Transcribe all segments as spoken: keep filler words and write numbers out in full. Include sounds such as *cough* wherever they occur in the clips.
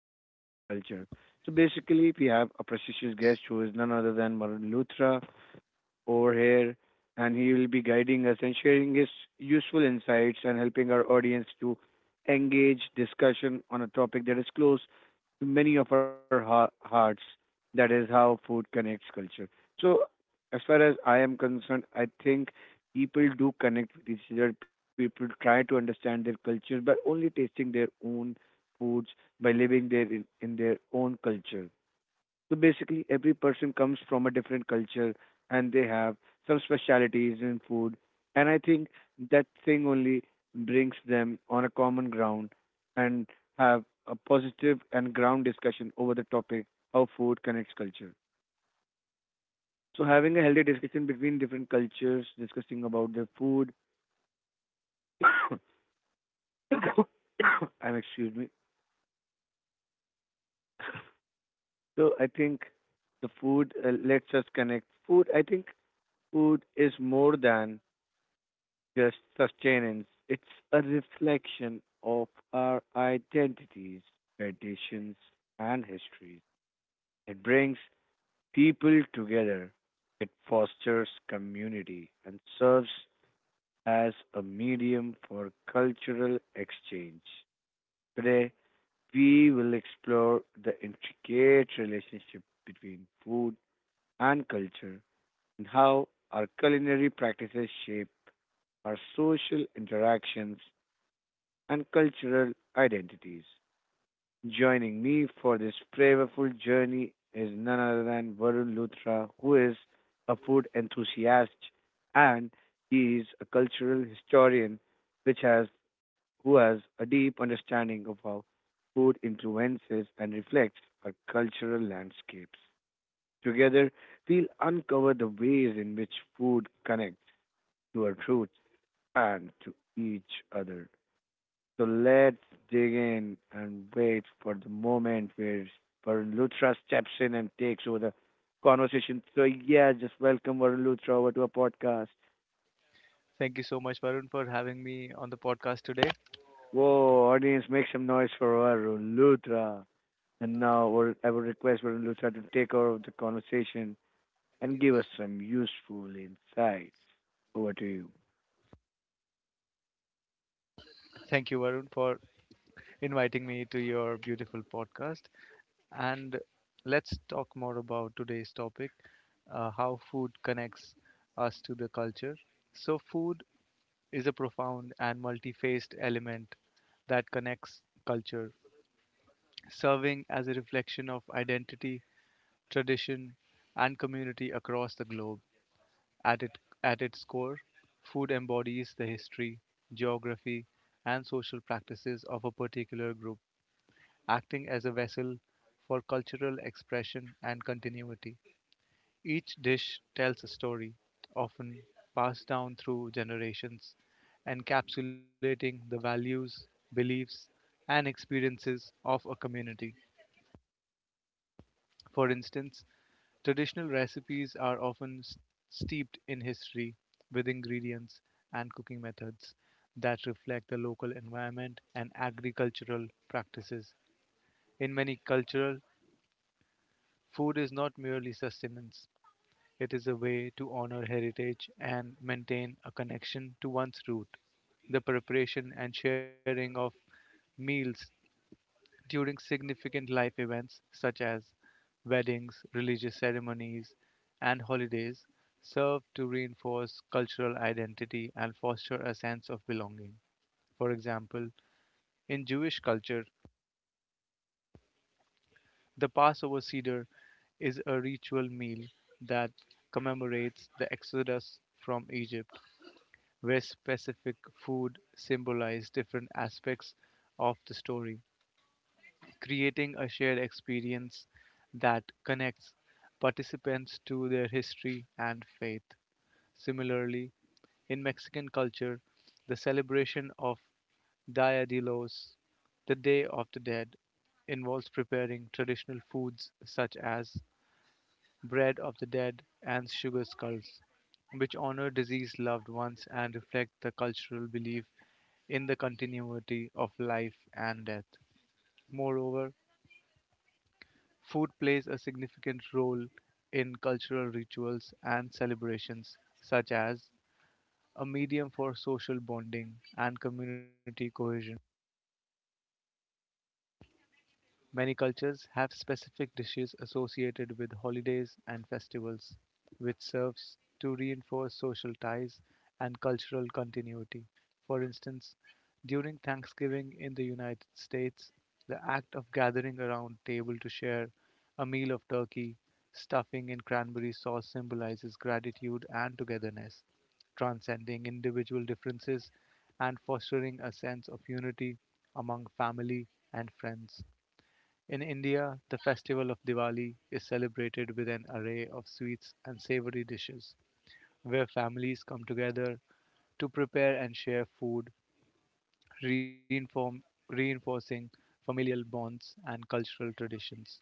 connects culture. So, basically, we have a prestigious guest who is none other than Varun Luthra over here, and he will be guiding us and sharing his useful insights and helping our audience to engage discussion on a topic that is close to many of our ha- hearts. That is how food connects culture. So, as far as I am concerned, I think people do connect with each other. People try to understand their culture by only tasting their own foods, by living their in, in their own culture. So basically, every person comes from a different culture, and they have some specialities in food. And I think that thing only brings them on a common ground and have a positive and ground discussion over the topic how food connects culture. So having a healthy discussion between different cultures, discussing about their food, *coughs* *coughs* I'm excuse me. So I think the food uh, lets us connect. Food, I think food is more than just sustenance. It's a reflection of our identities, traditions, and histories. It brings people together. It fosters community and serves as a medium for cultural exchange. Today, we will explore the intricate relationship between food and culture and how our culinary practices shape our social interactions and cultural identities. Joining me for this flavorful journey is none other than Varun Luthra, who is a food enthusiast and he is a cultural historian which has who has a deep understanding of how food influences and reflects our cultural landscapes. Together, we'll uncover the ways in which food connects to our roots and to each other. So let's dig in and wait for the moment where, where Lutra steps in and takes over the conversation. So, yeah, just welcome Varun Luthra over to our podcast. Thank you so much, Varun, for having me on the podcast today. Whoa, audience, make some noise for Varun Luthra. And now, we'll- I will request Varun Luthra to take over the conversation and give us some useful insights. Over to you. Thank you, Varun, for inviting me to your beautiful podcast. And let's talk more about today's topic uh, how food connects us to the culture. So, food is a profound and multi faced element that connects culture, serving as a reflection of identity, tradition, and community across the globe. At, it, at its core, food embodies the history, geography, and social practices of a particular group, acting as a vessel for cultural expression and continuity. Each dish tells a story, often passed down through generations, encapsulating the values, beliefs, and experiences of a community. For instance, traditional recipes are often s- steeped in history with ingredients and cooking methods that reflect the local environment and agricultural practices. In many cultures, food is not merely sustenance, it is a way to honor heritage and maintain a connection to one's root. The preparation and sharing of meals during significant life events such as weddings, religious ceremonies, and holidays serve to reinforce cultural identity and foster a sense of belonging. For example, in Jewish culture, the Passover Seder is a ritual meal that commemorates the exodus from Egypt, where specific food symbolizes different aspects of the story, creating a shared experience that connects participants to their history and faith. Similarly, in Mexican culture, the celebration of Dia de los, the Day of the Dead, involves preparing traditional foods such as bread of the dead and sugar skulls, which honor deceased loved ones and reflect the cultural belief in the continuity of life and death. Moreover, food plays a significant role in cultural rituals and celebrations, such as a medium for social bonding and community cohesion. Many cultures have specific dishes associated with holidays and festivals, which serves to reinforce social ties and cultural continuity. For instance, during Thanksgiving in the United States, the act of gathering around table to share a meal of turkey, stuffing, and cranberry sauce symbolizes gratitude and togetherness, transcending individual differences and fostering a sense of unity among family and friends. In India, the festival of Diwali is celebrated with an array of sweets and savory dishes, where families come together to prepare and share food, reinform, reinforcing familial bonds and cultural traditions.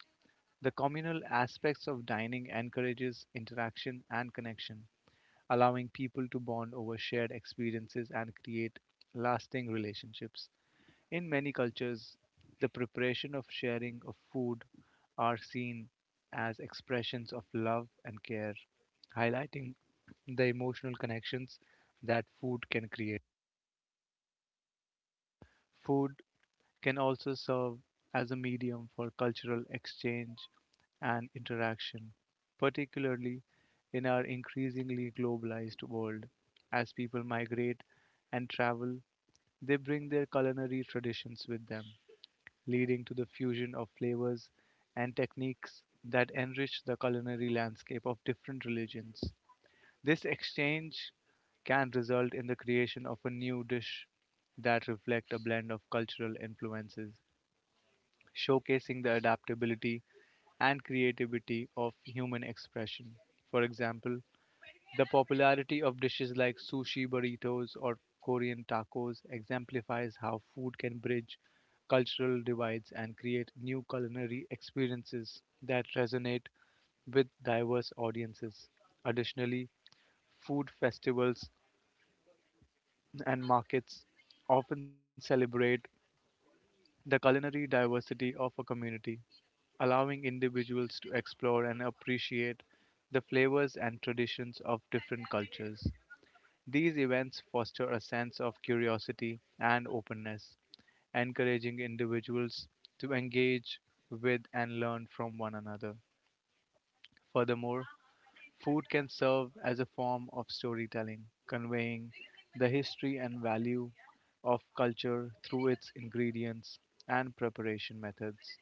The communal aspects of dining encourages interaction and connection, allowing people to bond over shared experiences and create lasting relationships. In many cultures, the preparation of sharing of food are seen as expressions of love and care, highlighting the emotional connections that food can create. Food can also serve as a medium for cultural exchange and interaction, particularly in our increasingly globalized world. As people migrate and travel, they bring their culinary traditions with them, leading to the fusion of flavors and techniques that enrich the culinary landscape of different religions. This exchange can result in the creation of a new dish that reflect a blend of cultural influences, showcasing the adaptability and creativity of human expression. For example, the popularity of dishes like sushi, burritos, or Korean tacos exemplifies how food can bridge cultural divides and create new culinary experiences that resonate with diverse audiences. Additionally, food festivals and markets often celebrate the culinary diversity of a community, allowing individuals to explore and appreciate the flavors and traditions of different cultures. These events foster a sense of curiosity and openness, encouraging individuals to engage with and learn from one another. Furthermore, food can serve as a form of storytelling, conveying the history and value of culture through its ingredients and preparation methods.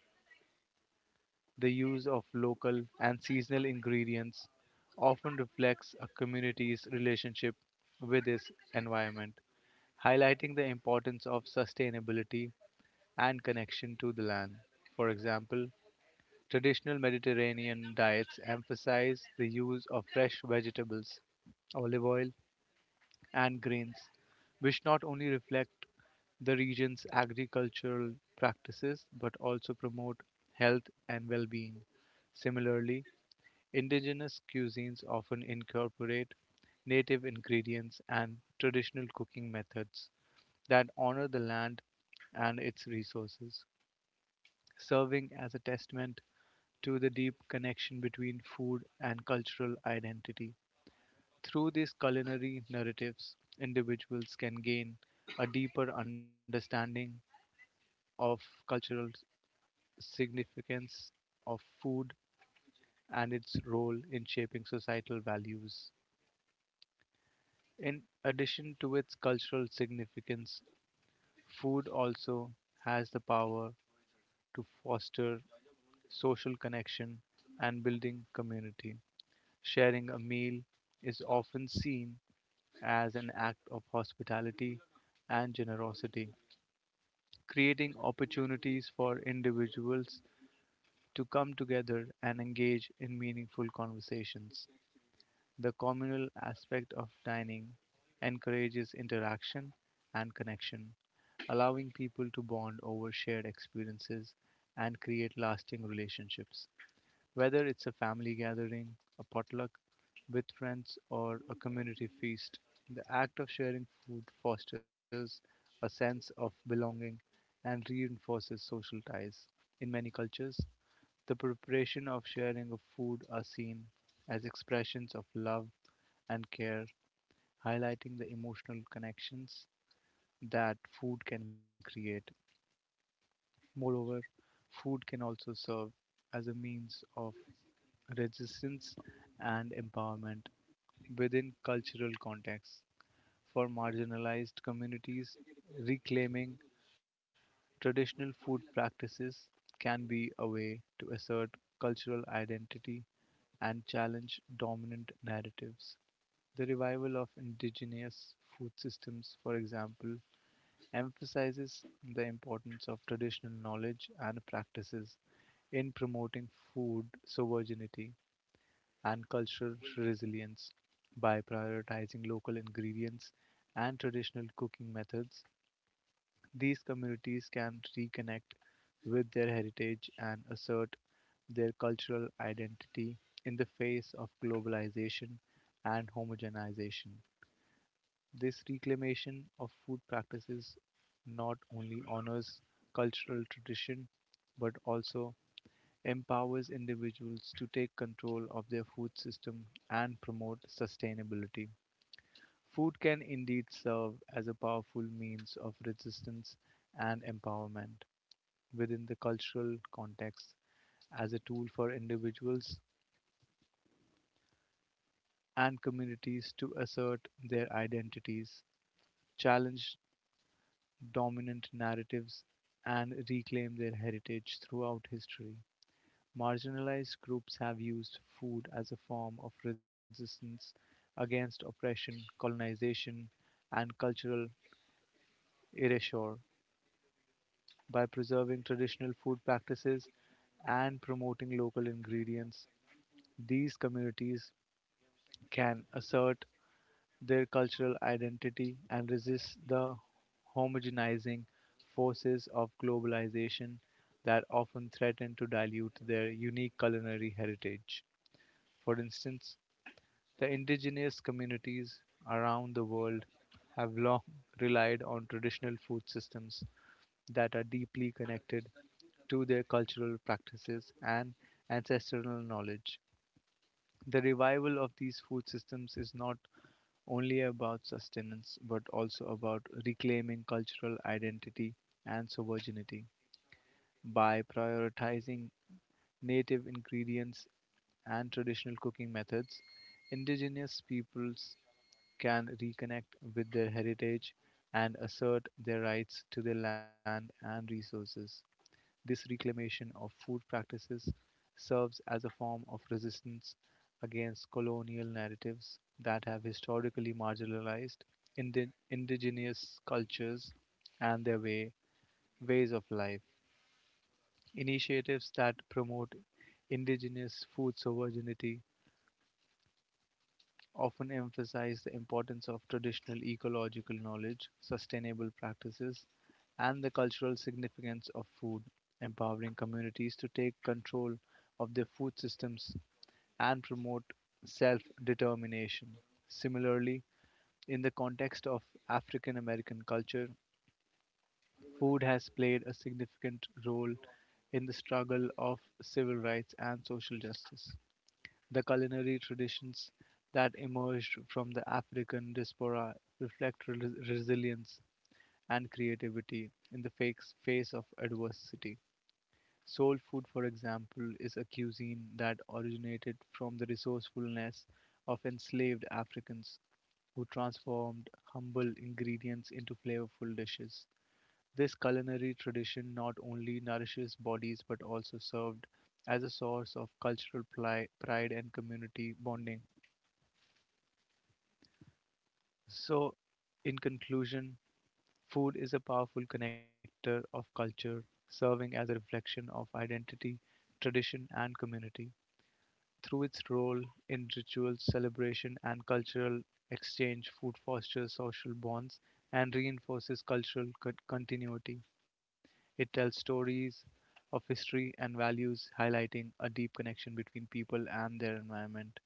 The use of local and seasonal ingredients often reflects a community's relationship with its environment, highlighting the importance of sustainability and connection to the land. For example, traditional Mediterranean diets emphasize the use of fresh vegetables, olive oil, and grains, which not only reflect the region's agricultural practices but also promote health and well being. Similarly, indigenous cuisines often incorporate native ingredients and traditional cooking methods that honor the land and its resources, serving as a testament to the deep connection between food and cultural identity. Through these culinary narratives, individuals can gain a deeper understanding of cultural significance of food and its role in shaping societal values. In addition to its cultural significance, food also has the power to foster social connection and building community. Sharing a meal is often seen as an act of hospitality and generosity, creating opportunities for individuals to come together and engage in meaningful conversations. The communal aspect of dining encourages interaction and connection, allowing people to bond over shared experiences and create lasting relationships. Whether it's a family gathering, a potluck with friends, or a community feast, the act of sharing food fosters a sense of belonging and reinforces social ties. In many cultures, the preparation of sharing of food are seen as expressions of love and care, highlighting the emotional connections that food can create. Moreover, food can also serve as a means of resistance and empowerment within cultural contexts. For marginalized communities, reclaiming traditional food practices can be a way to assert cultural identity and challenge dominant narratives. The revival of indigenous food systems, for example, emphasizes the importance of traditional knowledge and practices in promoting food sovereignty and cultural resilience by prioritizing local ingredients and traditional cooking methods. These communities can reconnect with their heritage and assert their cultural identity in the face of globalization and homogenization. This reclamation of food practices not only honors cultural tradition but also empowers individuals to take control of their food system and promote sustainability. Food can indeed serve as a powerful means of resistance and empowerment within the cultural context as a tool for individuals and communities to assert their identities, challenge dominant narratives and reclaim their heritage throughout history. Marginalized groups have used food as a form of resistance against oppression, colonization, and cultural erasure. By preserving traditional food practices and promoting local ingredients, these communities can assert their cultural identity and resist the homogenizing forces of globalization that often threaten to dilute their unique culinary heritage. For instance, the indigenous communities around the world have long relied on traditional food systems that are deeply connected to their cultural practices and ancestral knowledge. The revival of these food systems is not only about sustenance but also about reclaiming cultural identity and sovereignty by prioritizing native ingredients and traditional cooking methods, indigenous peoples can reconnect with their heritage and assert their rights to their land and resources. This reclamation of food practices serves as a form of resistance against colonial narratives that have historically marginalized indi- indigenous cultures and their way, ways of life. Initiatives that promote indigenous food sovereignty often emphasize the importance of traditional ecological knowledge, sustainable practices, and the cultural significance of food, empowering communities to take control of their food systems and promote self determination. Similarly, in the context of African American culture, food has played a significant role in the struggle of civil rights and social justice. The culinary traditions that emerged from the African diaspora reflect re- resilience and creativity in the face face of adversity. Soul food, for example, is a cuisine that originated from the resourcefulness of enslaved Africans who transformed humble ingredients into flavorful dishes. This culinary tradition not only nourishes bodies but also served as a source of cultural pli- pride and community bonding. So, in conclusion, food is a powerful connector of culture, serving as a reflection of identity, tradition, and community. Through its role in rituals, celebration, and cultural exchange, food fosters social bonds and reinforces cultural co- continuity. It tells stories of history and values, highlighting a deep connection between people and their environment.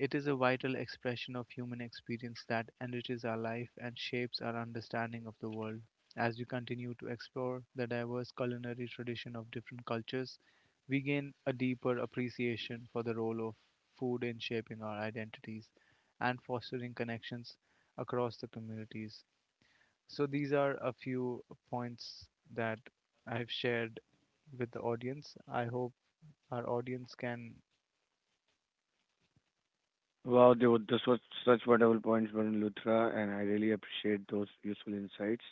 It is a vital expression of human experience that enriches our life and shapes our understanding of the world. As we continue to explore the diverse culinary tradition of different cultures, we gain a deeper appreciation for the role of food in shaping our identities and fostering connections across the communities. So, these are a few points that I have shared with the audience. I hope our audience can Wow, they were, this was such wonderful points, Varun Luthra, and I really appreciate those useful insights.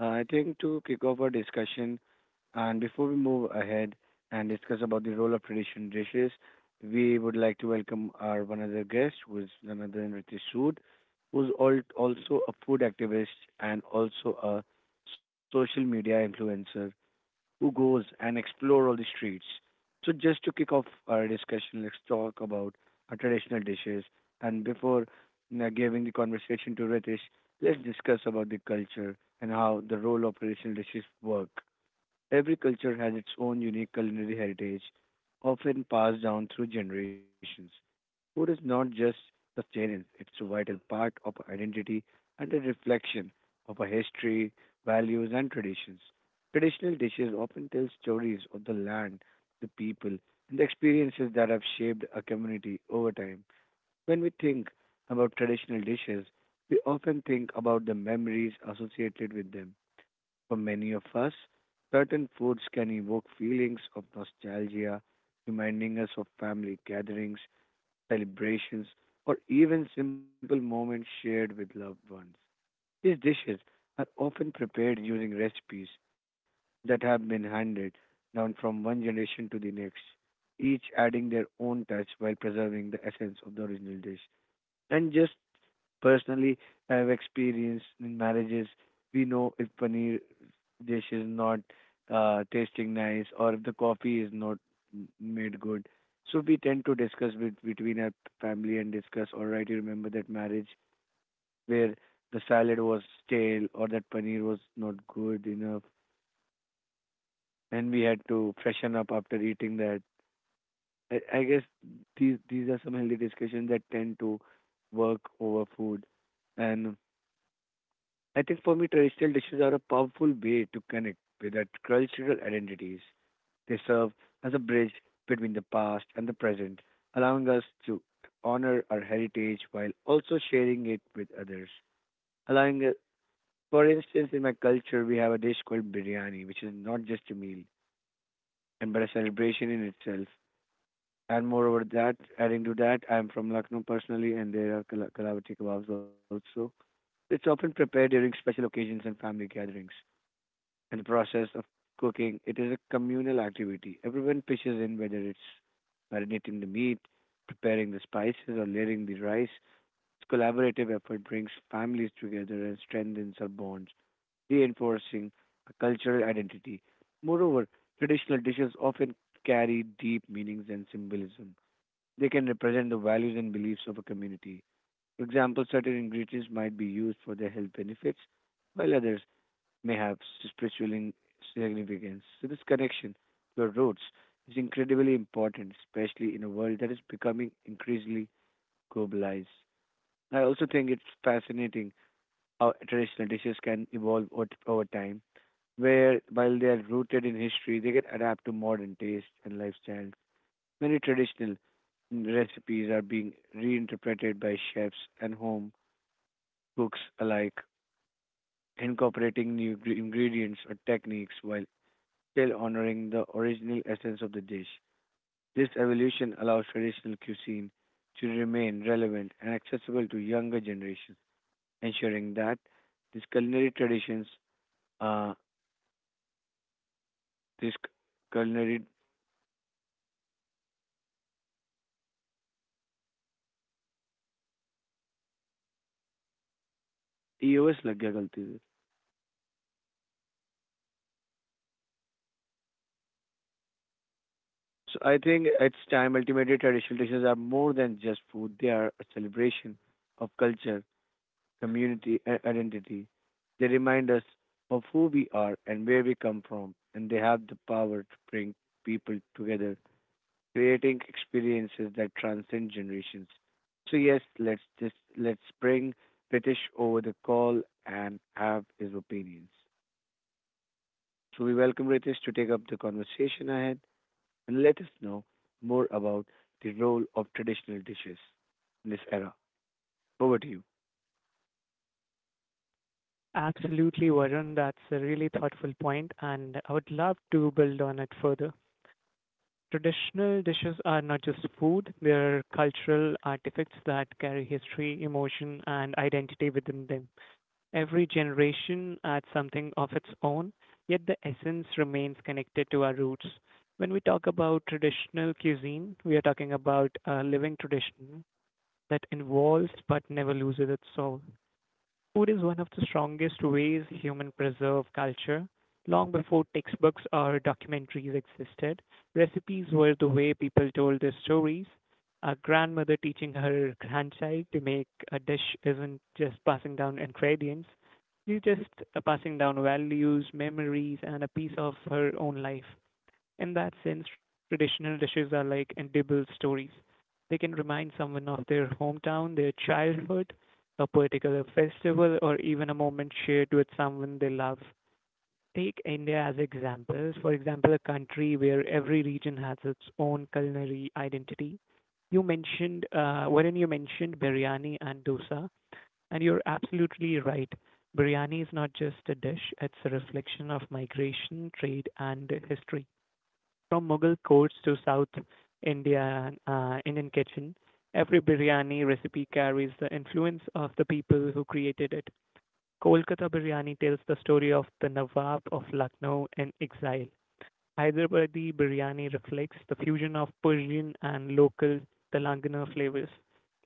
Uh, I think to kick off our discussion, and before we move ahead and discuss about the role of traditional dishes, we would like to welcome our one other guest, who is none other than Ritesh Sood, who's al- also a food activist and also a social media influencer, who goes and explore all the streets. So just to kick off our discussion, let's talk about our traditional dishes. And before uh, giving the conversation to Ritesh, let's discuss about the culture and how the role of traditional dishes work. Every culture has its own unique culinary heritage, often passed down through generations. Food is not just sustenance, it's a vital part of our identity and a reflection of our history, values, and traditions. Traditional dishes often tell stories of the land, the people, and the experiences that have shaped a community over time. When we think about traditional dishes, we often think about the memories associated with them. For many of us, certain foods can evoke feelings of nostalgia, reminding us of family gatherings, celebrations, or even simple moments shared with loved ones. These dishes are often prepared using recipes that have been handed down from one generation to the next, each adding their own touch while preserving the essence of the original dish. And just Personally, I have experienced in marriages. We know if paneer dish is not uh, tasting nice or if the coffee is not m- made good. So we tend to discuss with, between our family and discuss. All right, you remember that marriage where the salad was stale or that paneer was not good enough, and we had to freshen up after eating that. I, I guess these these are some healthy discussions that tend to work over food, and I think for me, traditional dishes are a powerful way to connect with our cultural identities. They serve as a bridge between the past and the present, allowing us to honor our heritage while also sharing it with others. Allowing, uh, for instance, in my culture, we have a dish called biryani, which is not just a meal, and but a celebration in itself. And moreover, that adding to that, I am from Lucknow personally, and there are Kal- Kalavati kebabs also. It's often prepared during special occasions and family gatherings, and the process of cooking. It is a communal activity. Everyone pitches in, whether it's marinating the meat, preparing the spices, or layering the rice. This collaborative effort brings families together and strengthens our bonds, reinforcing a cultural identity. Moreover, traditional dishes often carry deep meanings and symbolism. They can represent the values and beliefs of a community. For example, certain ingredients might be used for their health benefits, while others may have spiritual in- significance. So, this connection to our roots is incredibly important, especially in a world that is becoming increasingly globalized. I also think it's fascinating how traditional dishes can evolve ot- over time, where while they are rooted in history, they can adapt to modern tastes and lifestyles. Many traditional recipes are being reinterpreted by chefs and home cooks alike, incorporating new gre- ingredients or techniques while still honoring the original essence of the dish. This evolution allows traditional cuisine to remain relevant and accessible to younger generations, ensuring that these culinary traditions, uh, this culinary E O S lag gaya galti se. So I think it's time ultimately traditional dishes are more than just food. They are a celebration of culture, community, and identity. They remind us of who we are and where we come from, and they have the power to bring people together creating experiences that transcend generations. So yes, let's just let's bring Ritesh over the call and have his opinions. So we welcome Ritesh to take up the conversation ahead and let us know more about the role of traditional dishes in this era. Over to you. Absolutely, Varun. That's a really thoughtful point, and I would love to build on it further. Traditional dishes are not just food, they're cultural artifacts that carry history, emotion, and identity within them. Every generation adds something of its own, yet the essence remains connected to our roots. When we talk about traditional cuisine, we are talking about a living tradition that evolves but never loses its soul. Food is one of the strongest ways humans preserve culture. Long before textbooks or documentaries existed, recipes were the way people told their stories. A grandmother teaching her grandchild to make a dish isn't just passing down ingredients, she's just uh, passing down values, memories, and a piece of her own life. In that sense, traditional dishes are like edible stories. They can remind someone of their hometown, their childhood, a particular festival, or even a moment shared with someone they love. Take India as examples. For example, a country where every region has its own culinary identity. You mentioned, uh, Varun, you mentioned biryani and dosa, and you're absolutely right. Biryani is not just a dish, it's a reflection of migration, trade, and history from Mughal courts to South India, uh, Indian kitchen, every biryani recipe carries the influence of the people who created it. Kolkata biryani tells the story of the Nawab of Lucknow in exile. Hyderabadi biryani reflects the fusion of Persian and local Telangana flavors.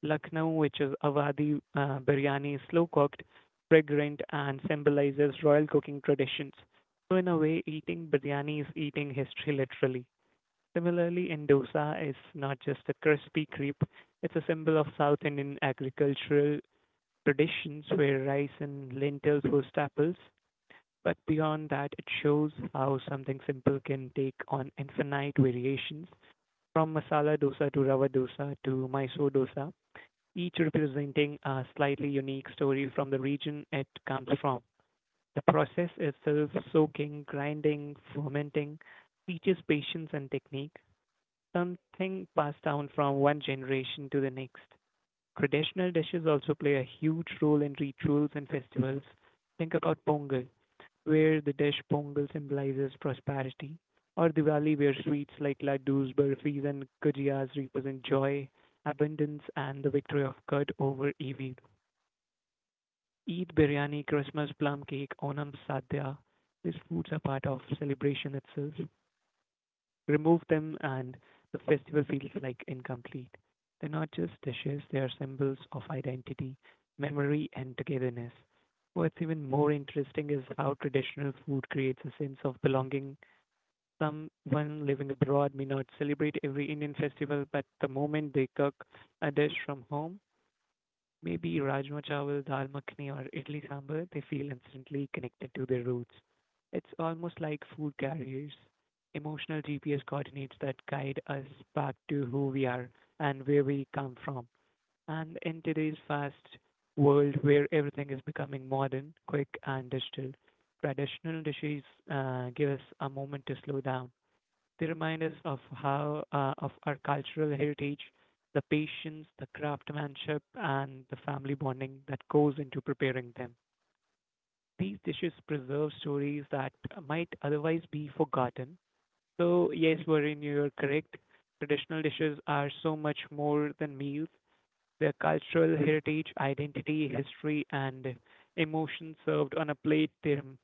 Lucknow, which is Awadhi uh, biryani, is slow cooked, fragrant, and symbolizes royal cooking traditions. So, in a way, eating biryani is eating history literally. Similarly, endosa is not just a crispy crepe, it's a symbol of South Indian agricultural traditions where rice and lentils were staples. But beyond that, it shows how something simple can take on infinite variations from masala dosa to rava dosa to Mysore dosa, each representing a slightly unique story from the region it comes from. The process itself, soaking, grinding, fermenting, teaches patience and technique, something passed down from one generation to the next. Traditional dishes also play a huge role in rituals and festivals. Think about Pongal, where the dish Pongal symbolizes prosperity, or Diwali, where sweets like laddus, burfis, and gujiyas represent joy, abundance, and the victory of good over evil. Eid biryani, Christmas plum cake, Onam sadhya, these foods are part of celebration itself. Remove them and the festival feels like incomplete. They're not just dishes, they are symbols of identity, memory, and togetherness. What's even more interesting is how traditional food creates a sense of belonging. Someone living abroad may not celebrate every Indian festival, but the moment they cook a dish from home, maybe Rajma Chawal, Dal Makhani, or Idli Sambar, they feel instantly connected to their roots. It's almost like food carriers. Emotional G P S coordinates that guide us back to who we are and where we come from. And in today's fast world where everything is becoming modern, quick, and digital, traditional dishes uh, give us a moment to slow down. They remind us of how uh, of our cultural heritage, the patience, the craftsmanship, and the family bonding that goes into preparing them. These dishes preserve stories that might otherwise be forgotten. So yes, Varun, you're correct. Traditional dishes are so much more than meals. Their cultural heritage, identity, history, and emotion served on a plate. They rem-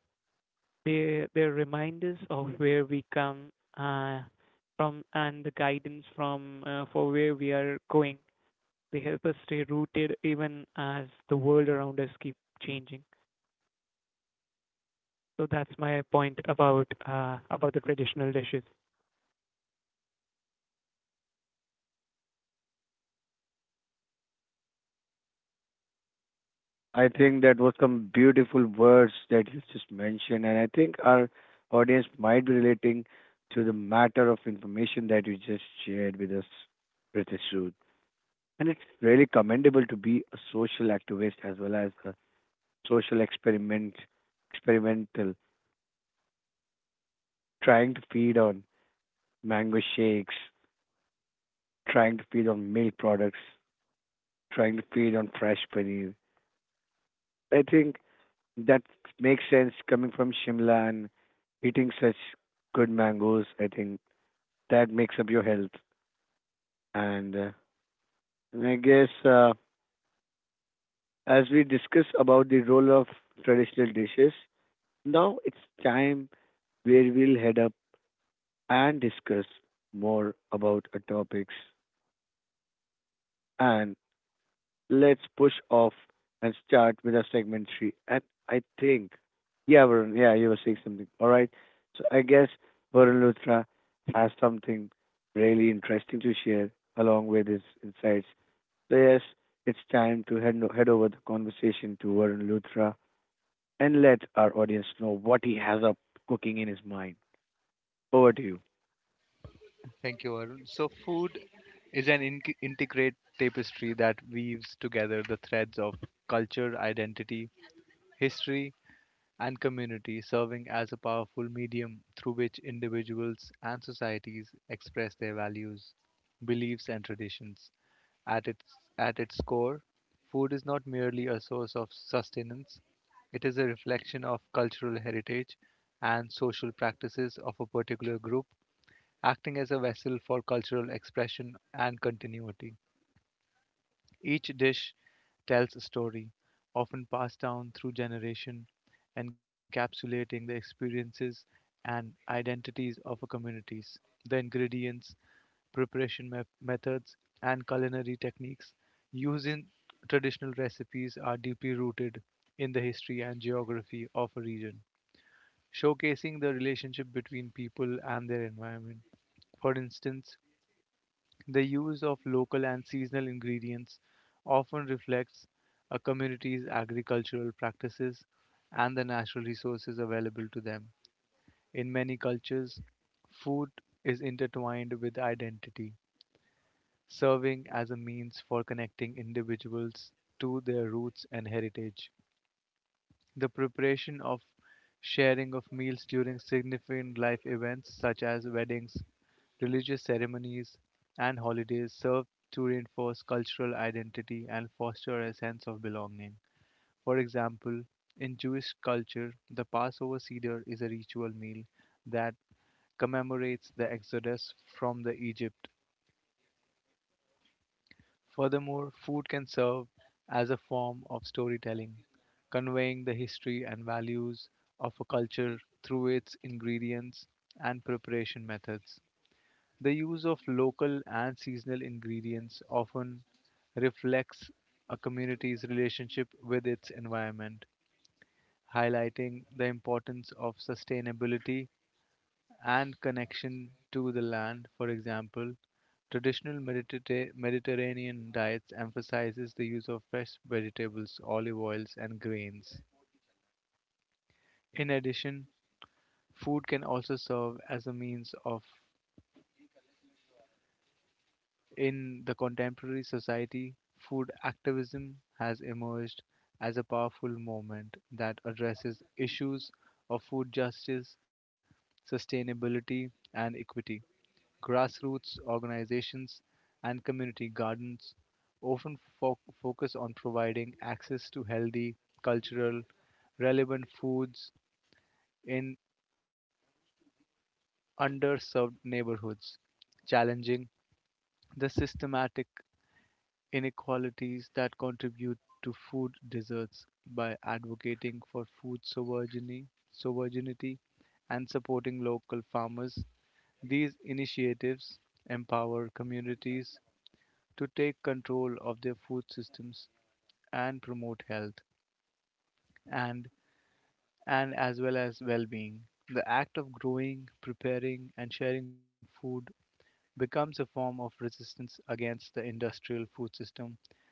they they're reminders of where we come uh, from and the guidance from uh, for where we are going. They help us stay rooted even as the world around us keep changing. So that's my point about uh, about the traditional dishes. I think that was some beautiful words that you just mentioned, and I think our audience might be relating to the matter of information that you just shared with us, Ritesh Sood. And it's really commendable to be a social activist as well as a social experiment, experimental, trying to feed on mango shakes, trying to feed on milk products, trying to feed on fresh paneer. I think that makes sense coming from Shimla and eating such good mangoes. I think that makes up your health. And uh, and I guess uh, as we discuss about the role of traditional dishes, now it's time where we'll head up and discuss more about our topics. And let's push off and start with our segment three. And I think, yeah, Varun, yeah, you were saying something. All right. So I guess Varun Luthra has something really interesting to share along with his insights. So yes, it's time to head, head over the conversation to Varun Luthra and let our audience know what he has up cooking in his mind. Over to you. thank you, Arun. So, food is an in- integrate tapestry that weaves together the threads of culture, identity, history, and community, serving as a powerful medium through which individuals and societies express their values, beliefs, and traditions. At its, at its core, food is not merely a source of sustenance, it is a reflection of cultural heritage and social practices of a particular group acting as a vessel for cultural expression and continuity. Each dish tells a story, often passed down through generation, encapsulating the experiences and identities of a communities. The ingredients, preparation me- methods, and culinary techniques used in traditional recipes are deeply rooted in the history and geography of a region, showcasing the relationship between people and their environment. For instance, the use of local and seasonal ingredients often reflects a community's agricultural practices and the natural resources available to them. In many cultures, food is intertwined with identity, serving as a means for connecting individuals to their roots and heritage. The preparation of sharing of meals during significant life events such as weddings, religious ceremonies, and holidays serve to reinforce cultural identity and foster a sense of belonging. For example, in Jewish culture, the Passover Seder is a ritual meal that commemorates the exodus from the Egypt. Furthermore, food can serve as a form of storytelling, conveying the history and values of a culture through its ingredients and preparation methods. The use of local and seasonal ingredients often reflects a community's relationship with its environment, highlighting the importance of sustainability and connection to the land. For example, traditional Mediterra- Mediterranean diets emphasizes the use of fresh vegetables, olive oils, and grains. In addition, food can also serve as a means of. In the contemporary society, food activism has emerged as a powerful movement that addresses issues of food justice, sustainability, and equity. Grassroots organizations and community gardens often fo- focus on providing access to healthy, cultural, relevant foods in underserved neighborhoods, challenging the systematic inequalities that contribute to food deserts by advocating for food sovereignty, sovereignty and supporting local farmers. These initiatives empower communities to take control of their food systems and promote health and and as well as well-being. The act of growing, preparing and sharing food becomes a form of resistance against the industrial food system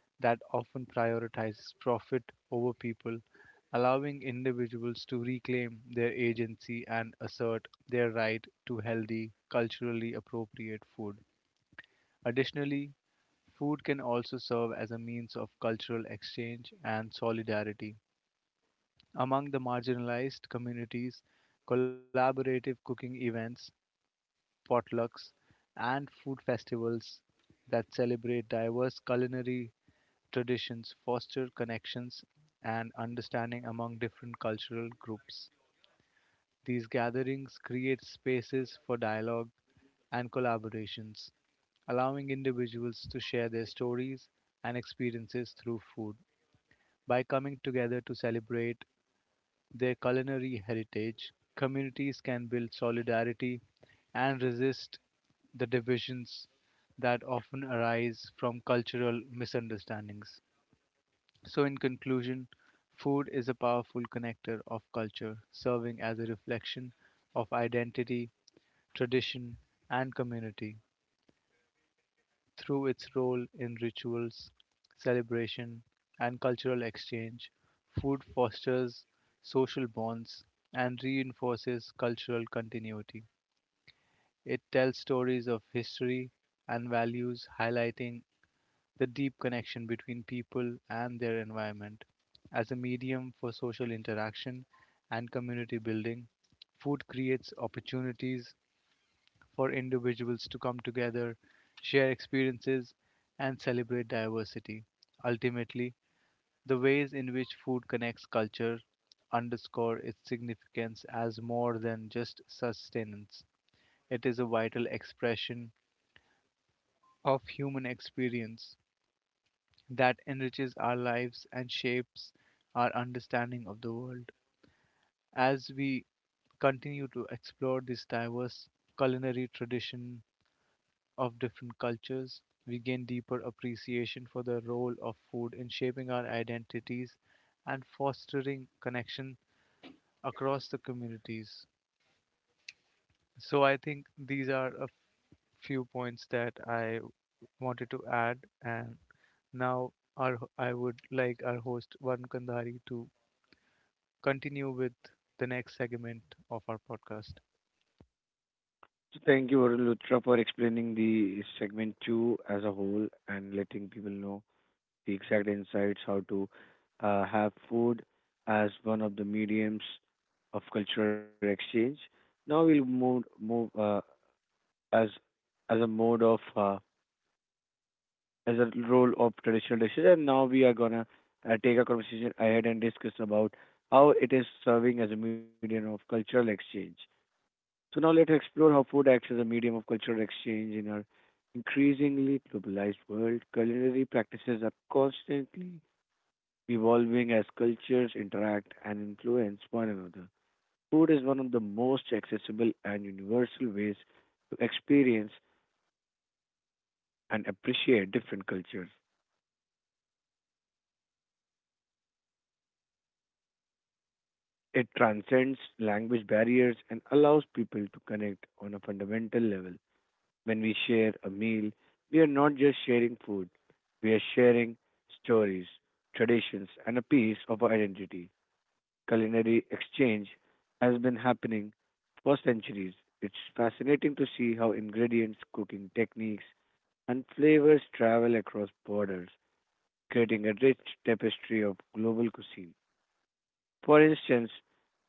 that often prioritizes profit over people, allowing individuals to reclaim their agency and assert their right to healthy, culturally appropriate food. Additionally, food can also serve as a means of cultural exchange and solidarity. Among the marginalized communities, collaborative cooking events potlucks, and food festivals that celebrate diverse culinary traditions, foster connections, and understanding among different cultural groups. These gatherings create spaces for dialogue and collaborations, allowing individuals to share their stories and experiences through food. By coming together to celebrate their culinary heritage, communities can build solidarity and resist the divisions that often arise from cultural misunderstandings. So, in conclusion, food is a powerful connector of culture, serving as a reflection of identity, tradition, and community through its role in rituals, celebration, and cultural exchange, food fosters social bonds and reinforces cultural continuity. It tells stories of history and values, highlighting the deep connection between people and their environment. As a medium for social interaction and community building, food creates opportunities for individuals to come together, share experiences, and celebrate diversity. Ultimately, the ways in which food connects culture underscore its significance as more than just sustenance. It is a vital expression of human experience that enriches our lives and shapes our understanding of the world. As we continue to explore this diverse culinary tradition of different cultures, we gain deeper appreciation for the role of food in shaping our identities and fostering connection across the communities. So I think these are a few points that I wanted to add, and now our ho- I would like our host Varun Kandhari to continue with the next segment of our podcast. So thank you, Varun Luthra, for explaining the segment two as a whole and letting people know the exact insights how to uh, have food as one of the mediums of cultural exchange. Now we'll move move uh, as as a mode of uh, as a role of traditional dishes, and now we are gonna uh, take a conversation ahead and discuss about how it is serving as a medium of cultural exchange. So now let's explore how food acts as a medium of cultural exchange in our increasingly globalized world. Culinary practices are constantly evolving as cultures interact and influence one another. Food is one of the most accessible and universal ways to experience and appreciate different cultures. It transcends language barriers and allows people to connect on a fundamental level. When we share a meal, we are not just sharing food, we are sharing stories, traditions, and a piece of our identity. Culinary exchange has been happening for centuries. It's fascinating to see how ingredients, cooking techniques, and flavors travel across borders, creating a rich tapestry of global cuisine. For instance,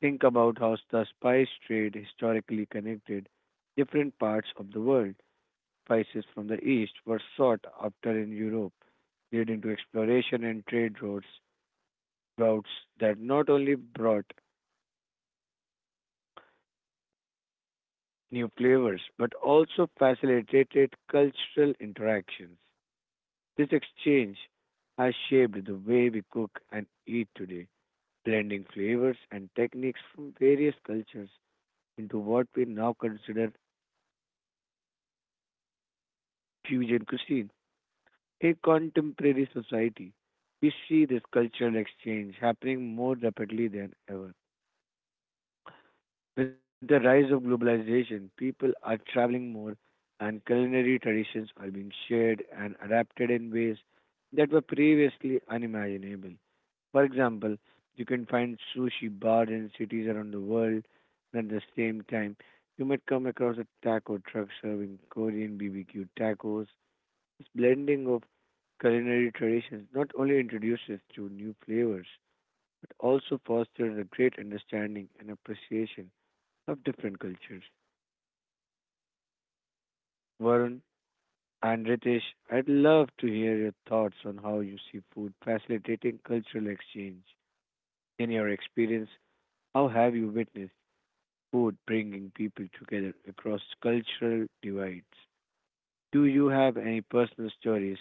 think about how the spice trade historically connected different parts of the world. Spices from the East were sought after in Europe, leading to exploration and trade routes routes that not only brought new flavors but also facilitated cultural interactions. This exchange has shaped the way we cook and eat today, blending flavors and techniques from various cultures into what we now consider fusion cuisine. In contemporary society, we see this cultural exchange happening more rapidly than ever. With the rise of globalization, people are traveling more and culinary traditions are being shared and adapted in ways that were previously unimaginable. For example, you can find sushi bars in cities around the world, and at the same time, you might come across a taco truck serving Korean B B Q tacos. This blending of culinary traditions not only introduces to new flavors, but also fosters a great understanding and appreciation of different cultures. Varun and Ritesh, I'd love to hear your thoughts on how you see food facilitating cultural exchange. In your experience, how have you witnessed food bringing people together across cultural divides? Do you have any personal stories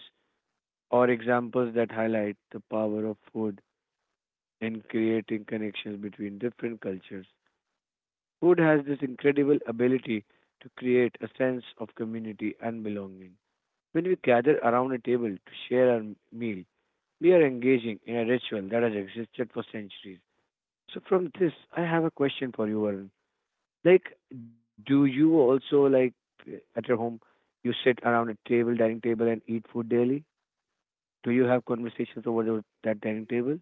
or examples that highlight the power of food in creating connections between different cultures? Food has this incredible ability to create a sense of community and belonging. When we gather around a table to share our meal, we are engaging in a ritual that has existed for centuries. So from this, I have a question for you, Varun. Like, do you also like at your home, you sit around a table, dining table, and eat food daily? Do you have conversations over the, that dining table?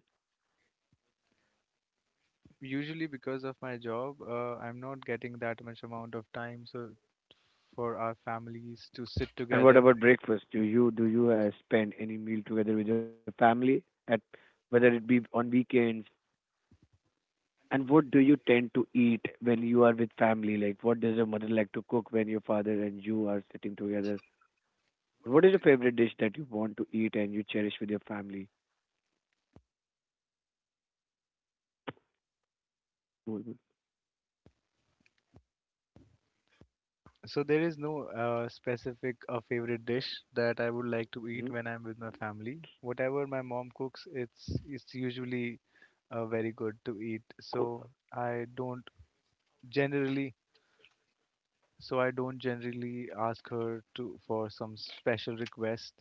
Usually, because of my job, uh, I'm not getting that much amount of time. So for our families to sit And what together. about breakfast? Do you do you uh, spend any meal together with your family at, whether it be on weekends? And what do you tend to eat when you are with family? Like, what does your mother like to cook when your father and you are sitting together? What is your favorite dish that you want to eat and you cherish with your family? Mm-hmm. So there is no uh, specific uh, favorite dish that I would like to Cool. eat Mhm. when I'm with my family. Whatever my mom cooks, it's it's usually uh, very good to eat. Cool. So I don't generally, so I don't generally ask her to for some special request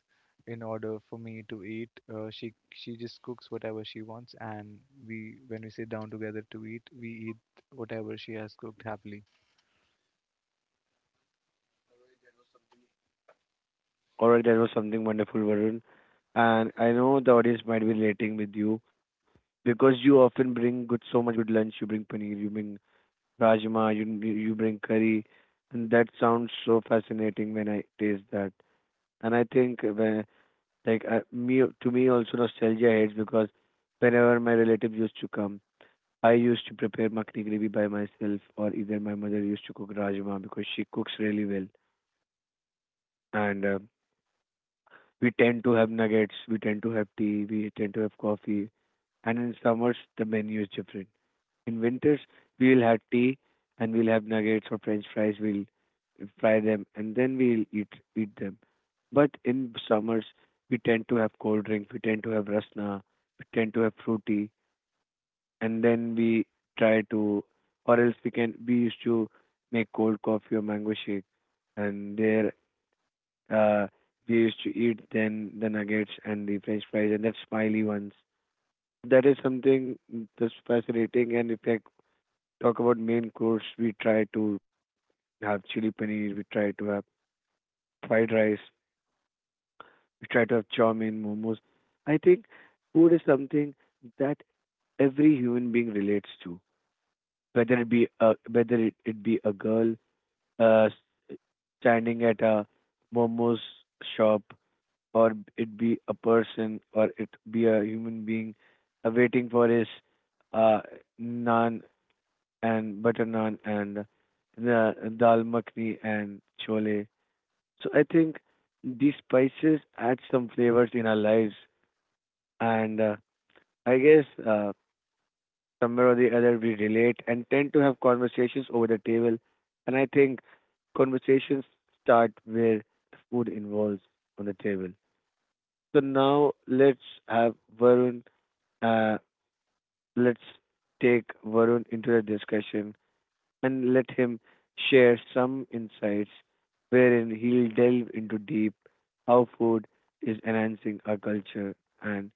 in order for me to eat. Uh, she she just cooks whatever she wants, and we when we sit down together to eat, we eat whatever she has cooked happily. All right, that was something wonderful, Varun. And I know the audience might be relating with you because you often bring good, so much good lunch. You bring paneer, you bring rajma, you you bring curry, and that sounds so fascinating when I taste that. And I think when, like I, me, to me also nostalgia hits because whenever my relatives used to come, I used to prepare makhni gravy by myself, or either my mother used to cook rajma because she cooks really well, and uh, we tend to have nuggets, we tend to have tea, we tend to have coffee, and in summers the menu is different. In winters we will have tea and we'll have nuggets or French fries. We'll fry them and then we'll eat eat them. But in summers we tend to have cold drink. We tend to have rasna, we tend to have fruity, and then we try to, or else we can. We used to make cold coffee or mango shake, and there uh, we used to eat then the nuggets and the french fries and that smiley ones. That is something that's fascinating. And if I talk about main course, we try to have chili paneer, we try to have fried rice, we try to have chow mein, momos. I think food is something that every human being relates to, whether it be a, whether it, it be a girl uh, standing at a momos shop, or it be a person or it be a human being uh, waiting for his uh, naan and butter naan and the dal makhni and chole. So I think these spices add some flavors in our lives, and uh, I guess uh, somewhere or the other we relate and tend to have conversations over the table, and I think conversations start where food involves on the table. So now let's have Varun, Uh, let's take Varun into the discussion and let him share some insights wherein he'll delve into deep how food is enhancing our culture and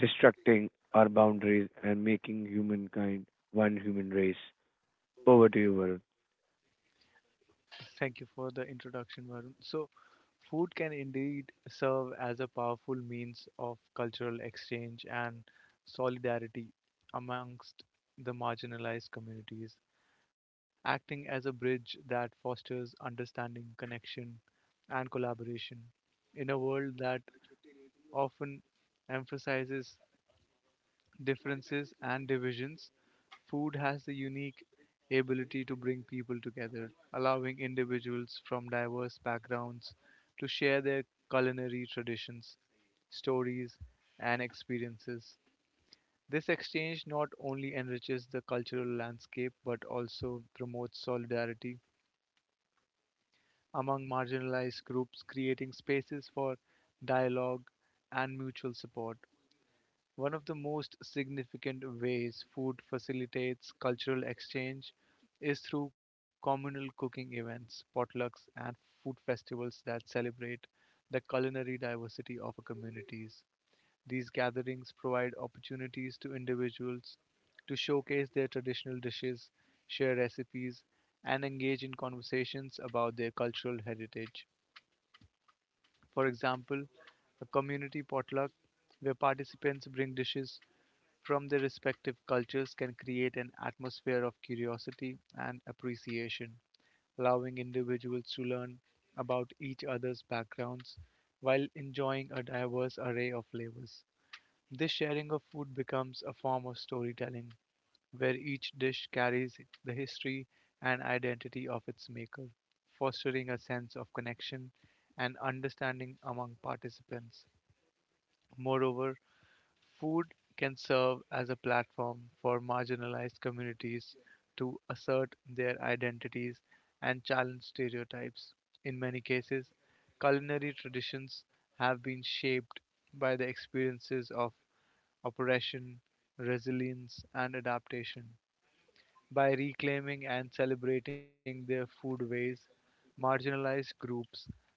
destructing our boundaries and making humankind one human race. Over to you, Varun. Thank you for the introduction, Varun. So, food can indeed serve as a powerful means of cultural exchange and solidarity amongst the marginalized communities, acting as a bridge that fosters understanding, connection, and collaboration in a world that often emphasizes differences and divisions, food has the unique ability to bring people together, allowing individuals from diverse backgrounds to share their culinary traditions, stories, and experiences. This exchange not only enriches the cultural landscape but also promotes solidarity among marginalized groups, creating spaces for dialogue and mutual support. One of the most significant ways food facilitates cultural exchange is through communal cooking events, potlucks, and food festivals that celebrate the culinary diversity of our communities. These gatherings provide opportunities to individuals to showcase their traditional dishes, share recipes, and engage in conversations about their cultural heritage. For example, a community potluck where participants bring dishes from their respective cultures can create an atmosphere of curiosity and appreciation, allowing individuals to learn about each other's backgrounds while enjoying a diverse array of flavors. This sharing of food becomes a form of storytelling, where each dish carries the history and identity of its maker, fostering a sense of connection and understanding among participants. Moreover, food can serve as a platform for marginalized communities to assert their identities and challenge stereotypes. In many cases, culinary traditions have been shaped by the experiences of oppression, resilience, and adaptation by reclaiming and celebrating their foodways, marginalized groups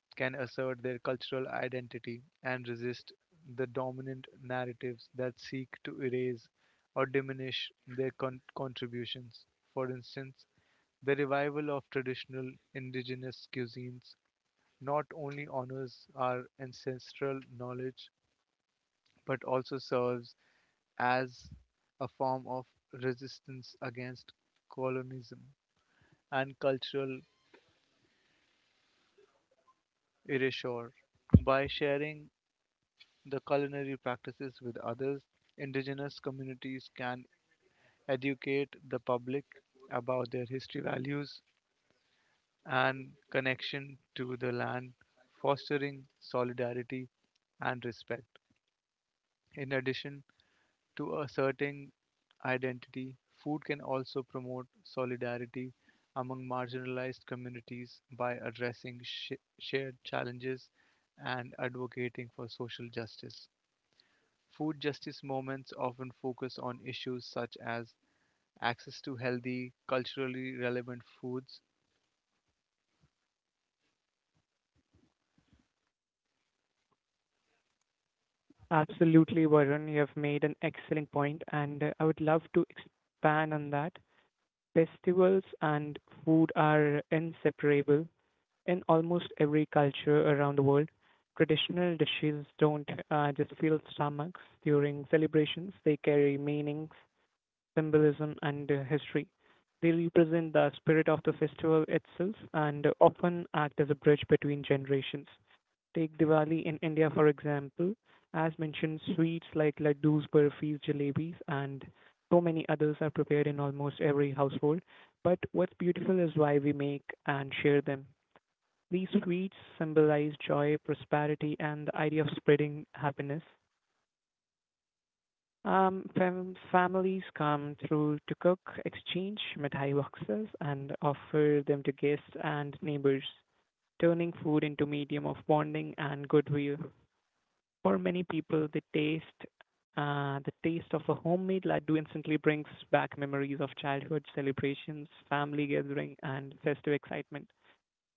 can assert their cultural identity and resist the dominant narratives that seek to erase or diminish their con- contributions. For instance, the revival of traditional indigenous cuisines not only honors our ancestral knowledge but also serves as a form of resistance against colonialism and cultural erasure by sharing the culinary practices with others indigenous communities can educate the public about their history values and connection to the land fostering solidarity and respect in addition to a certain identity, food can also promote solidarity among marginalized communities by addressing sh- shared challenges and advocating for social justice. Food justice moments often focus on issues such as access to healthy, culturally relevant foods, Absolutely, Varun. You have made an excellent point, and uh, I would love to expand on that. Festivals and food are inseparable in almost every culture around the world. Dishes don't uh, just fill stomachs during celebrations, they carry meanings, symbolism, and uh, history. They represent the spirit of the festival itself and often act as a bridge between generations. Take Diwali in India, for example. As mentioned, sweets like laddus, burfis, jalebis, and so many others are prepared in almost every household. But what's beautiful is why we make and share them. These sweets symbolize joy, prosperity, and the idea of spreading happiness. Um, fam- families come through to cook, exchange mithai boxes, and offer them to guests and neighbors, turning food into medium of bonding and goodwill. For many people, the taste uh, the taste of a homemade laddu instantly brings back memories of childhood celebrations, family gathering, and festive excitement.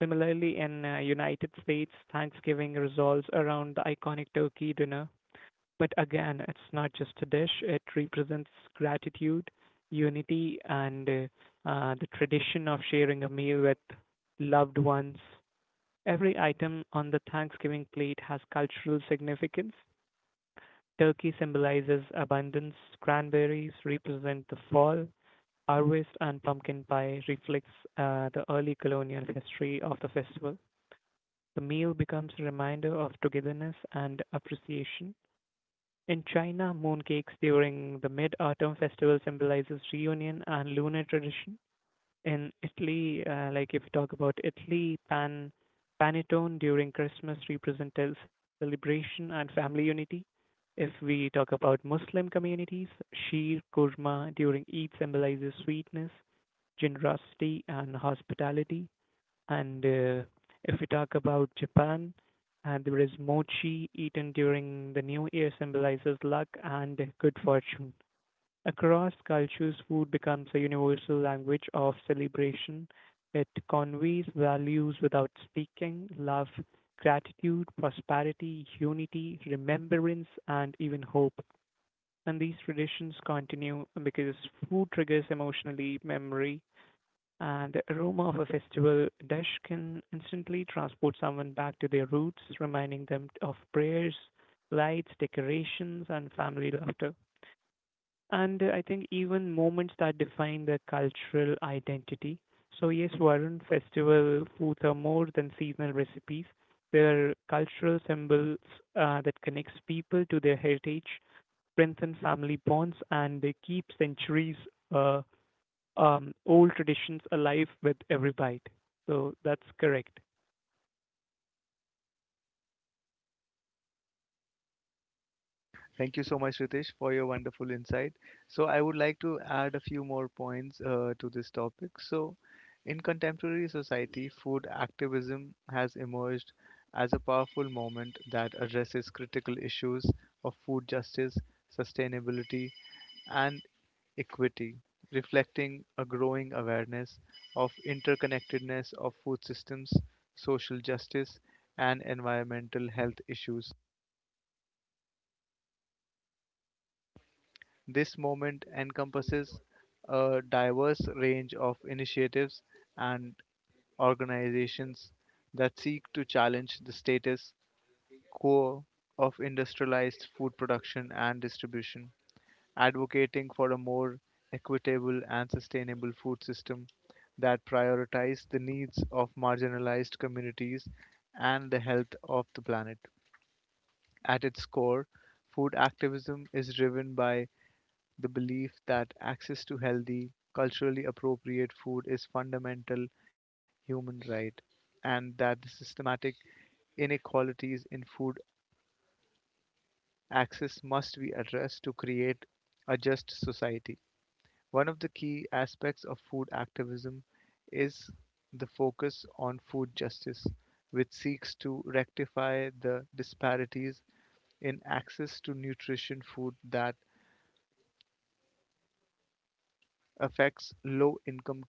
Similarly, in uh, United States, Thanksgiving resolves around the iconic turkey dinner. But again, it's not just a dish; it represents gratitude, unity, and uh, uh, the tradition of sharing a meal with loved ones. Every item on the Thanksgiving plate has cultural significance. Turkey symbolizes abundance, cranberries represent the fall, harvest, and pumpkin pie reflects uh, the early colonial history of the festival. The meal becomes a reminder of togetherness and appreciation. In China, mooncakes during the mid-autumn festival symbolizes reunion and lunar tradition. In Italy, uh, like if you talk about Italy, pan panettone during Christmas represents celebration and family unity. If we talk about Muslim communities, sheer kurma during Eid symbolizes sweetness, generosity, and hospitality. And uh, if we talk about Japan, and there is mochi eaten during the new year symbolizes luck and good fortune. Across cultures, food becomes a universal language of celebration. It conveys values without speaking love, gratitude, prosperity, unity, remembrance, and even hope. And these traditions continue because food triggers emotionally memory, and the aroma of a festival dish can instantly transport someone back to their roots, reminding them of prayers, lights, decorations, and family laughter and uh, I think even moments that define the cultural identity. So yes, Varun, festival foods are more than seasonal recipes. They're cultural symbols uh, that connects people to their heritage, strengthen family bonds, and they keep centuries uh, um, old traditions alive with every bite. So that's correct. Thank you so much, Ritesh, for your wonderful insight. So, I would like to add a few more points uh, to this topic. So, in contemporary society, food activism has emerged as a powerful moment that addresses critical issues of food justice, sustainability, and equity, reflecting a growing awareness of interconnectedness of food systems, social justice, and environmental health issues. This moment encompasses a diverse range of initiatives and organizations that seek to challenge the status quo of industrialized food production and distribution, advocating for a more equitable and sustainable food system that prioritizes the needs of marginalized communities and the health of the planet. At its core, food activism is driven by the belief that access to healthy, culturally appropriate food is fundamental human right and that the systematic inequalities in food access must be addressed to create a just society. One of the key aspects of food activism is the focus on food justice, which seeks to rectify the disparities in access to nutrition food that affects low income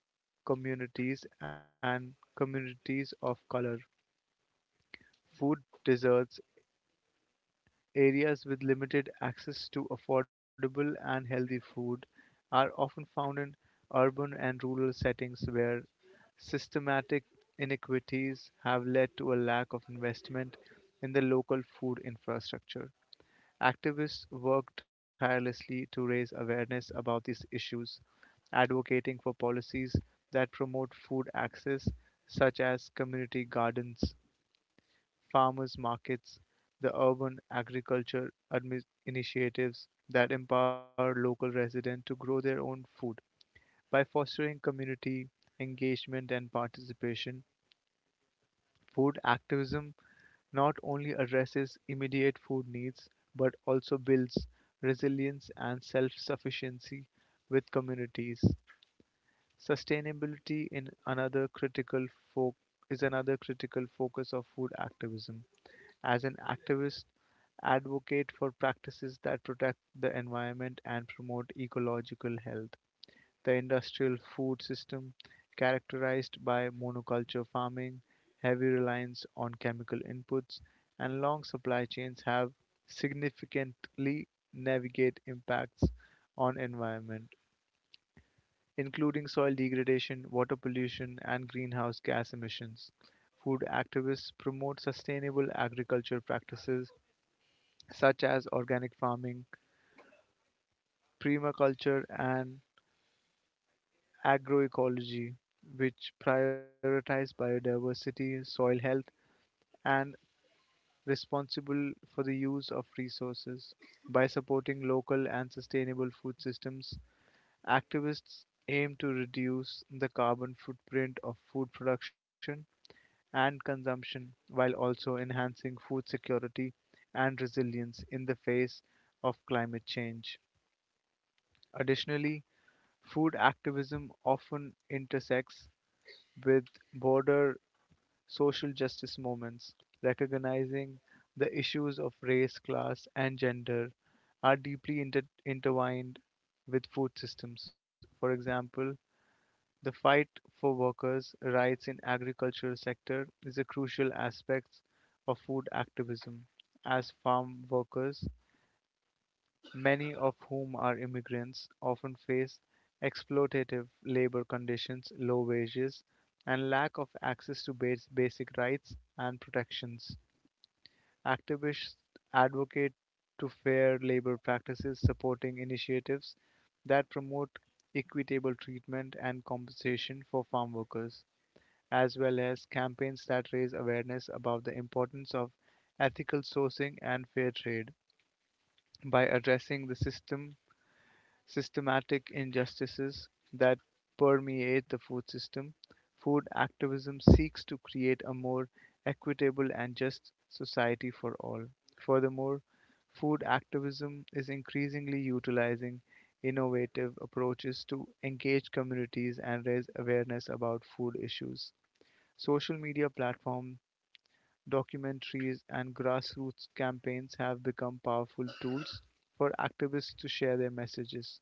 communities and communities of color. Food deserts, areas with limited access to affordable and healthy food, are often found in urban and rural settings where systematic inequities have led to a lack of investment in the local food infrastructure. Activists work tirelessly to raise awareness about these issues, advocating for policies that promote food access, such as community gardens, farmers markets, the urban agriculture admi- initiatives that empower local residents to grow their own food. By fostering community engagement and participation, food activism not only addresses immediate food needs but also builds resilience and self sufficiency with communities. Sustainability in another critical fo- is another critical focus of food activism. As an activist, advocate for practices that protect the environment and promote ecological health the industrial food system, characterized by monoculture farming, heavy reliance on chemical inputs, and long supply chains, have significantly negative impacts on environment, including soil degradation, water pollution, and greenhouse gas emissions. Food activists promote sustainable agriculture practices such as organic farming, permaculture, and agroecology, which prioritize biodiversity, soil health, and responsible for the use of resources. By supporting local and sustainable food systems, activists aim to reduce the carbon footprint of food production and consumption while also enhancing food security and resilience in the face of climate change. Additionally, food activism often intersects with border social justice movements, recognizing the issues of race, class, and gender are deeply inter- intertwined with food systems. For example, the fight for workers' rights in agricultural sector is a crucial aspect of food activism, as farm workers many of whom are immigrants, often face exploitative labor conditions, low wages, and lack of access to bas- basic rights and protections. Activists advocate to fair labor practices, supporting initiatives that promote equitable treatment and compensation for farm workers, as well as campaigns that raise awareness about the importance of ethical sourcing and fair trade by addressing the system systematic injustices that permeate the food system, food activism seeks to create a more equitable and just society for all. Furthermore, food activism is increasingly utilizing innovative approaches to engage communities and raise awareness about food issues. Social media platforms, documentaries, and grassroots campaigns have become powerful tools for activists to share their messages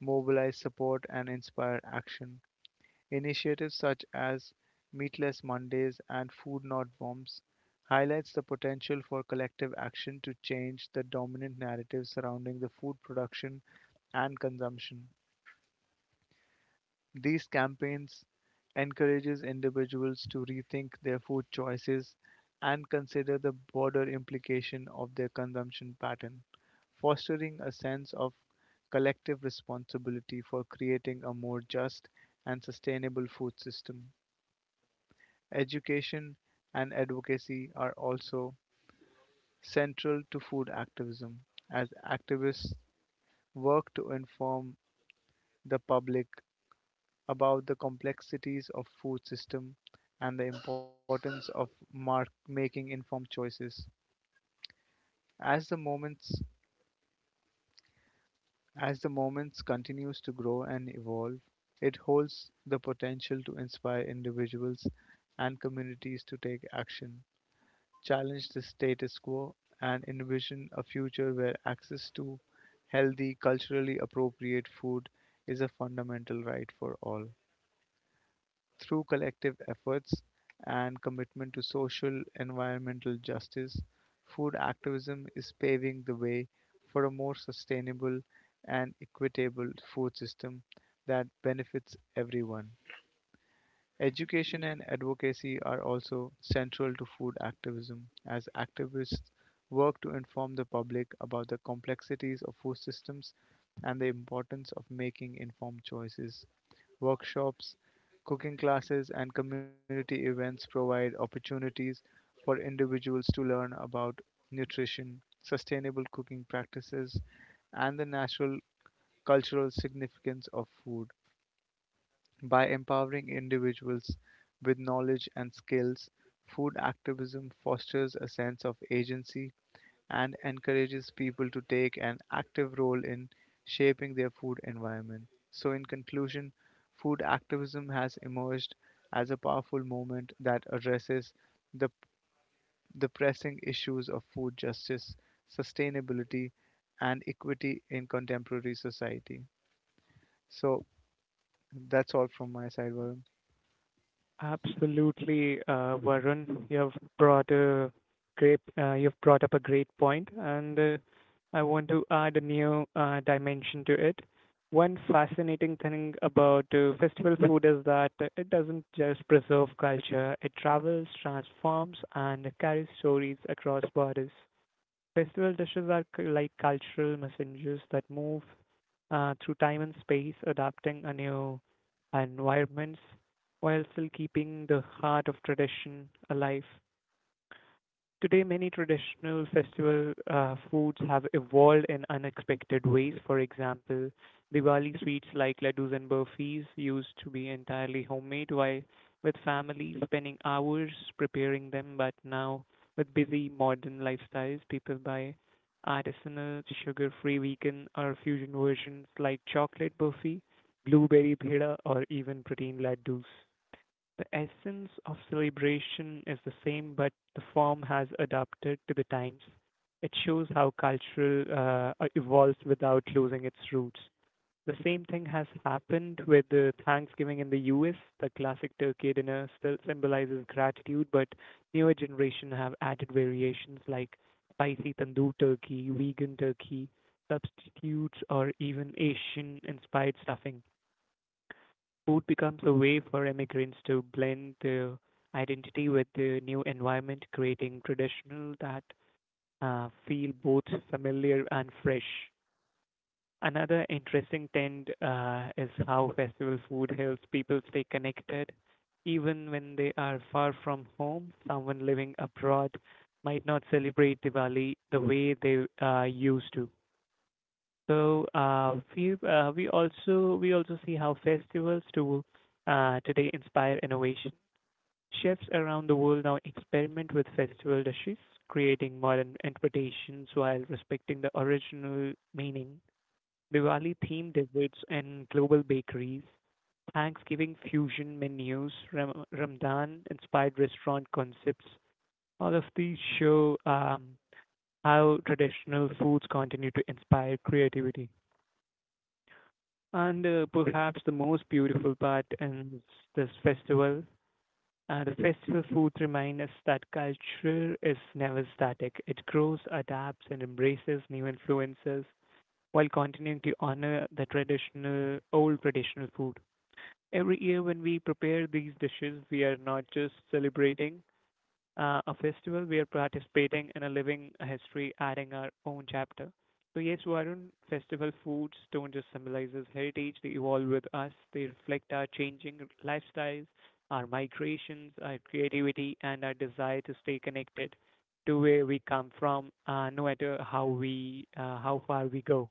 mobilize support and inspire action. Initiatives such as Meatless Mondays and Food Not Bombs highlights the potential for collective action to change the dominant narrative surrounding the food production and consumption. These campaigns encourages individuals to rethink their food choices and consider the broader implication of their consumption pattern, fostering a sense of collective responsibility for creating a more just and sustainable food system. Education and advocacy are also central to food activism as activists work to inform the public about the complexities of food system and the importance of mark- making informed choices. As the moments as the moments continues to grow and evolve, it holds the potential to inspire individuals and communities to take action, challenge the status quo, and envision a future where access to healthy, culturally appropriate food is a fundamental right for all. Through collective efforts and commitment to social environmental justice, food activism is paving the way for a more sustainable and equitable food system that benefits everyone. Education and advocacy are also central to food activism, as activists work to inform the public about the complexities of food systems and the importance of making informed choices. Workshops, cooking classes, and community events provide opportunities for individuals to learn about nutrition, sustainable cooking practices, and the natural cultural significance of food. By empowering individuals with knowledge and skills, food activism fosters a sense of agency and encourages people to take an active role in shaping their food environment. So, in conclusion, food activism has emerged as a powerful movement that addresses the, the pressing issues of food justice, sustainability, and equity in contemporary society. So, that's all from my side, Varun. Absolutely, uh, Varun. You've brought a great, uh, you've brought up a great point, and uh, I want to add a new uh, dimension to it. One fascinating thing about uh, festival food is that it doesn't just preserve culture; it travels, transforms, and carries stories across borders. Festival dishes are cu- like cultural messengers that move uh, through time and space, adapting a new environments while still keeping the heart of tradition alive. Today, many traditional festival uh, foods have evolved in unexpected ways. For example, Diwali sweets like laddus and burfis used to be entirely homemade, while with families spending hours preparing them. But now, with busy modern lifestyles, people buy artisanal, sugar-free vegan or fusion versions like chocolate burfi, blueberry peda, or even protein laddus. The essence of celebration is the same, but the form has adapted to the times. It shows how cultural uh, uh, evolves without losing its roots. The same thing has happened with the Thanksgiving in the U S. The classic turkey dinner still symbolizes gratitude, but newer generation have added variations like spicy tandoor turkey, vegan turkey, substitutes, or even Asian-inspired stuffing. Food becomes a way for immigrants to blend their identity with the new environment, creating traditional that uh, feel both familiar and fresh. Another interesting trend uh, is how festival food helps people stay connected. Even when they are far from home, someone living abroad might not celebrate Diwali the way they uh, used to. So uh, we uh, we also we also see how festivals to uh, today inspire innovation. Chefs around the world now experiment with festival dishes, creating modern interpretations while respecting the original meaning. Diwali themed desserts and global bakeries, Thanksgiving fusion menus, Ram- Ramadan inspired restaurant concepts. All of these show um, how traditional foods continue to inspire creativity. And uh, perhaps the most beautiful part in this festival, uh, the festival food reminds us that culture is never static. It grows, adapts, and embraces new influences while continuing to honor the traditional, old traditional food. Every year, when we prepare these dishes, we are not just celebrating uh, a festival we are participating in a living history, adding our own chapter. So yes, Varun, festival foods don't just symbolizes heritage; they evolve with us. They reflect our changing lifestyles, our migrations, our creativity, and our desire to stay connected to where we come from, uh, no matter how we uh, how far we go.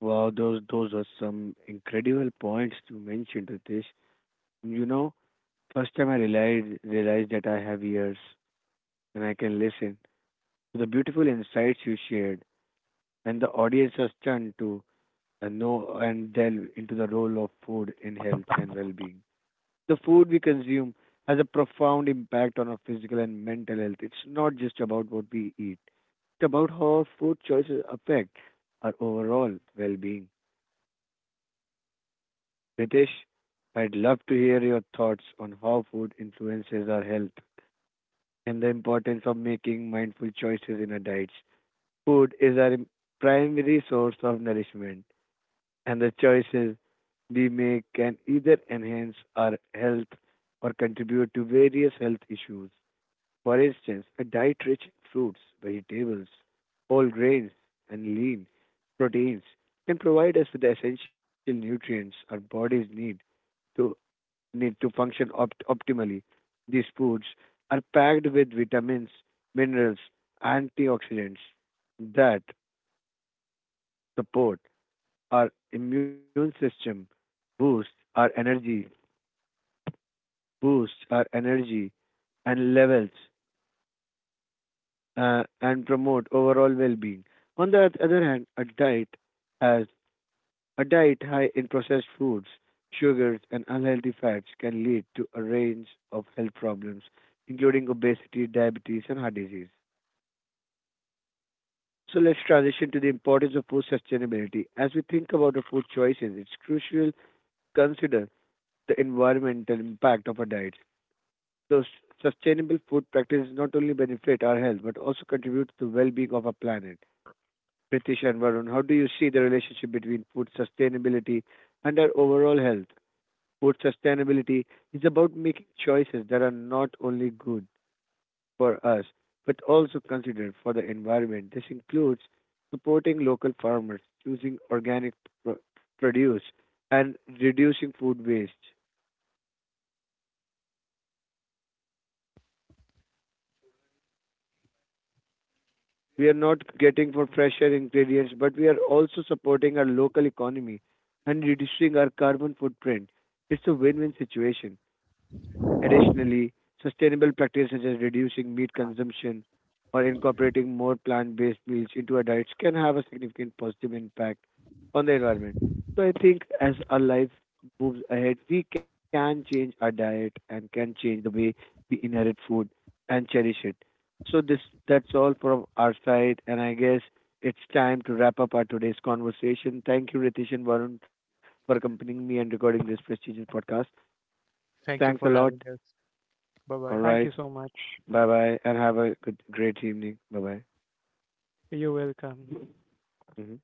Wow, those those are some incredible points you mentioned, Ritesh. You know, first time I realized realized that I have ears and I can listen to the beautiful insights you shared. And the audience was stunned to uh, know and delve into the role of food in health and well being. The food we consume has a profound impact on our physical and mental health. It's not just about what we eat, it's about how our food choices affect our overall well being. Ritesh, I'd love to hear your thoughts on how food influences our health and the importance of making mindful choices in our diets. Food is our im- primary source of nourishment, and the choices we make can either enhance our health or contribute to various health issues. For instance, a diet rich in fruits, vegetables, whole grains, and lean proteins can provide us with the essential nutrients our bodies need to need to function opt- optimally. These foods are packed with vitamins, minerals, antioxidants that support our immune system, boosts our energy, boosts our energy and levels, uh, and promote overall well-being. On the other hand, a diet has a diet high in processed foods, sugars, and unhealthy fats can lead to a range of health problems, including obesity, diabetes, and heart disease. So let's transition to the importance of food sustainability. As we think about our food choices, it's crucial to consider the environmental impact of our diets. So s- sustainable food practices not only benefit our health but also contribute to the well-being of our planet. Pritish and Varun, how do you see the relationship between food sustainability and our overall health? Food sustainability is about making choices that are not only good for us but also considered for the environment. This includes supporting local farmers, choosing organic pro- produce, and reducing food waste. We are not getting for fresher ingredients, but we are also supporting our local economy and reducing our carbon footprint. It's a win-win situation. Additionally, sustainable practices such as reducing meat consumption or incorporating more plant-based meals into our diets can have a significant positive impact on the environment. So I think as our life moves ahead, we can change our diet and can change the way we inherit food and cherish it. So this, that's all from our side, and I guess it's time to wrap up our today's conversation. Thank you, Ritesh and Varun, for accompanying me and recording this prestigious broadcast. Thank you Thanks a for lot. having us. Bye All bye. Thank you right. so much. Bye bye and have a good great evening. Bye bye. You're welcome. Hmm.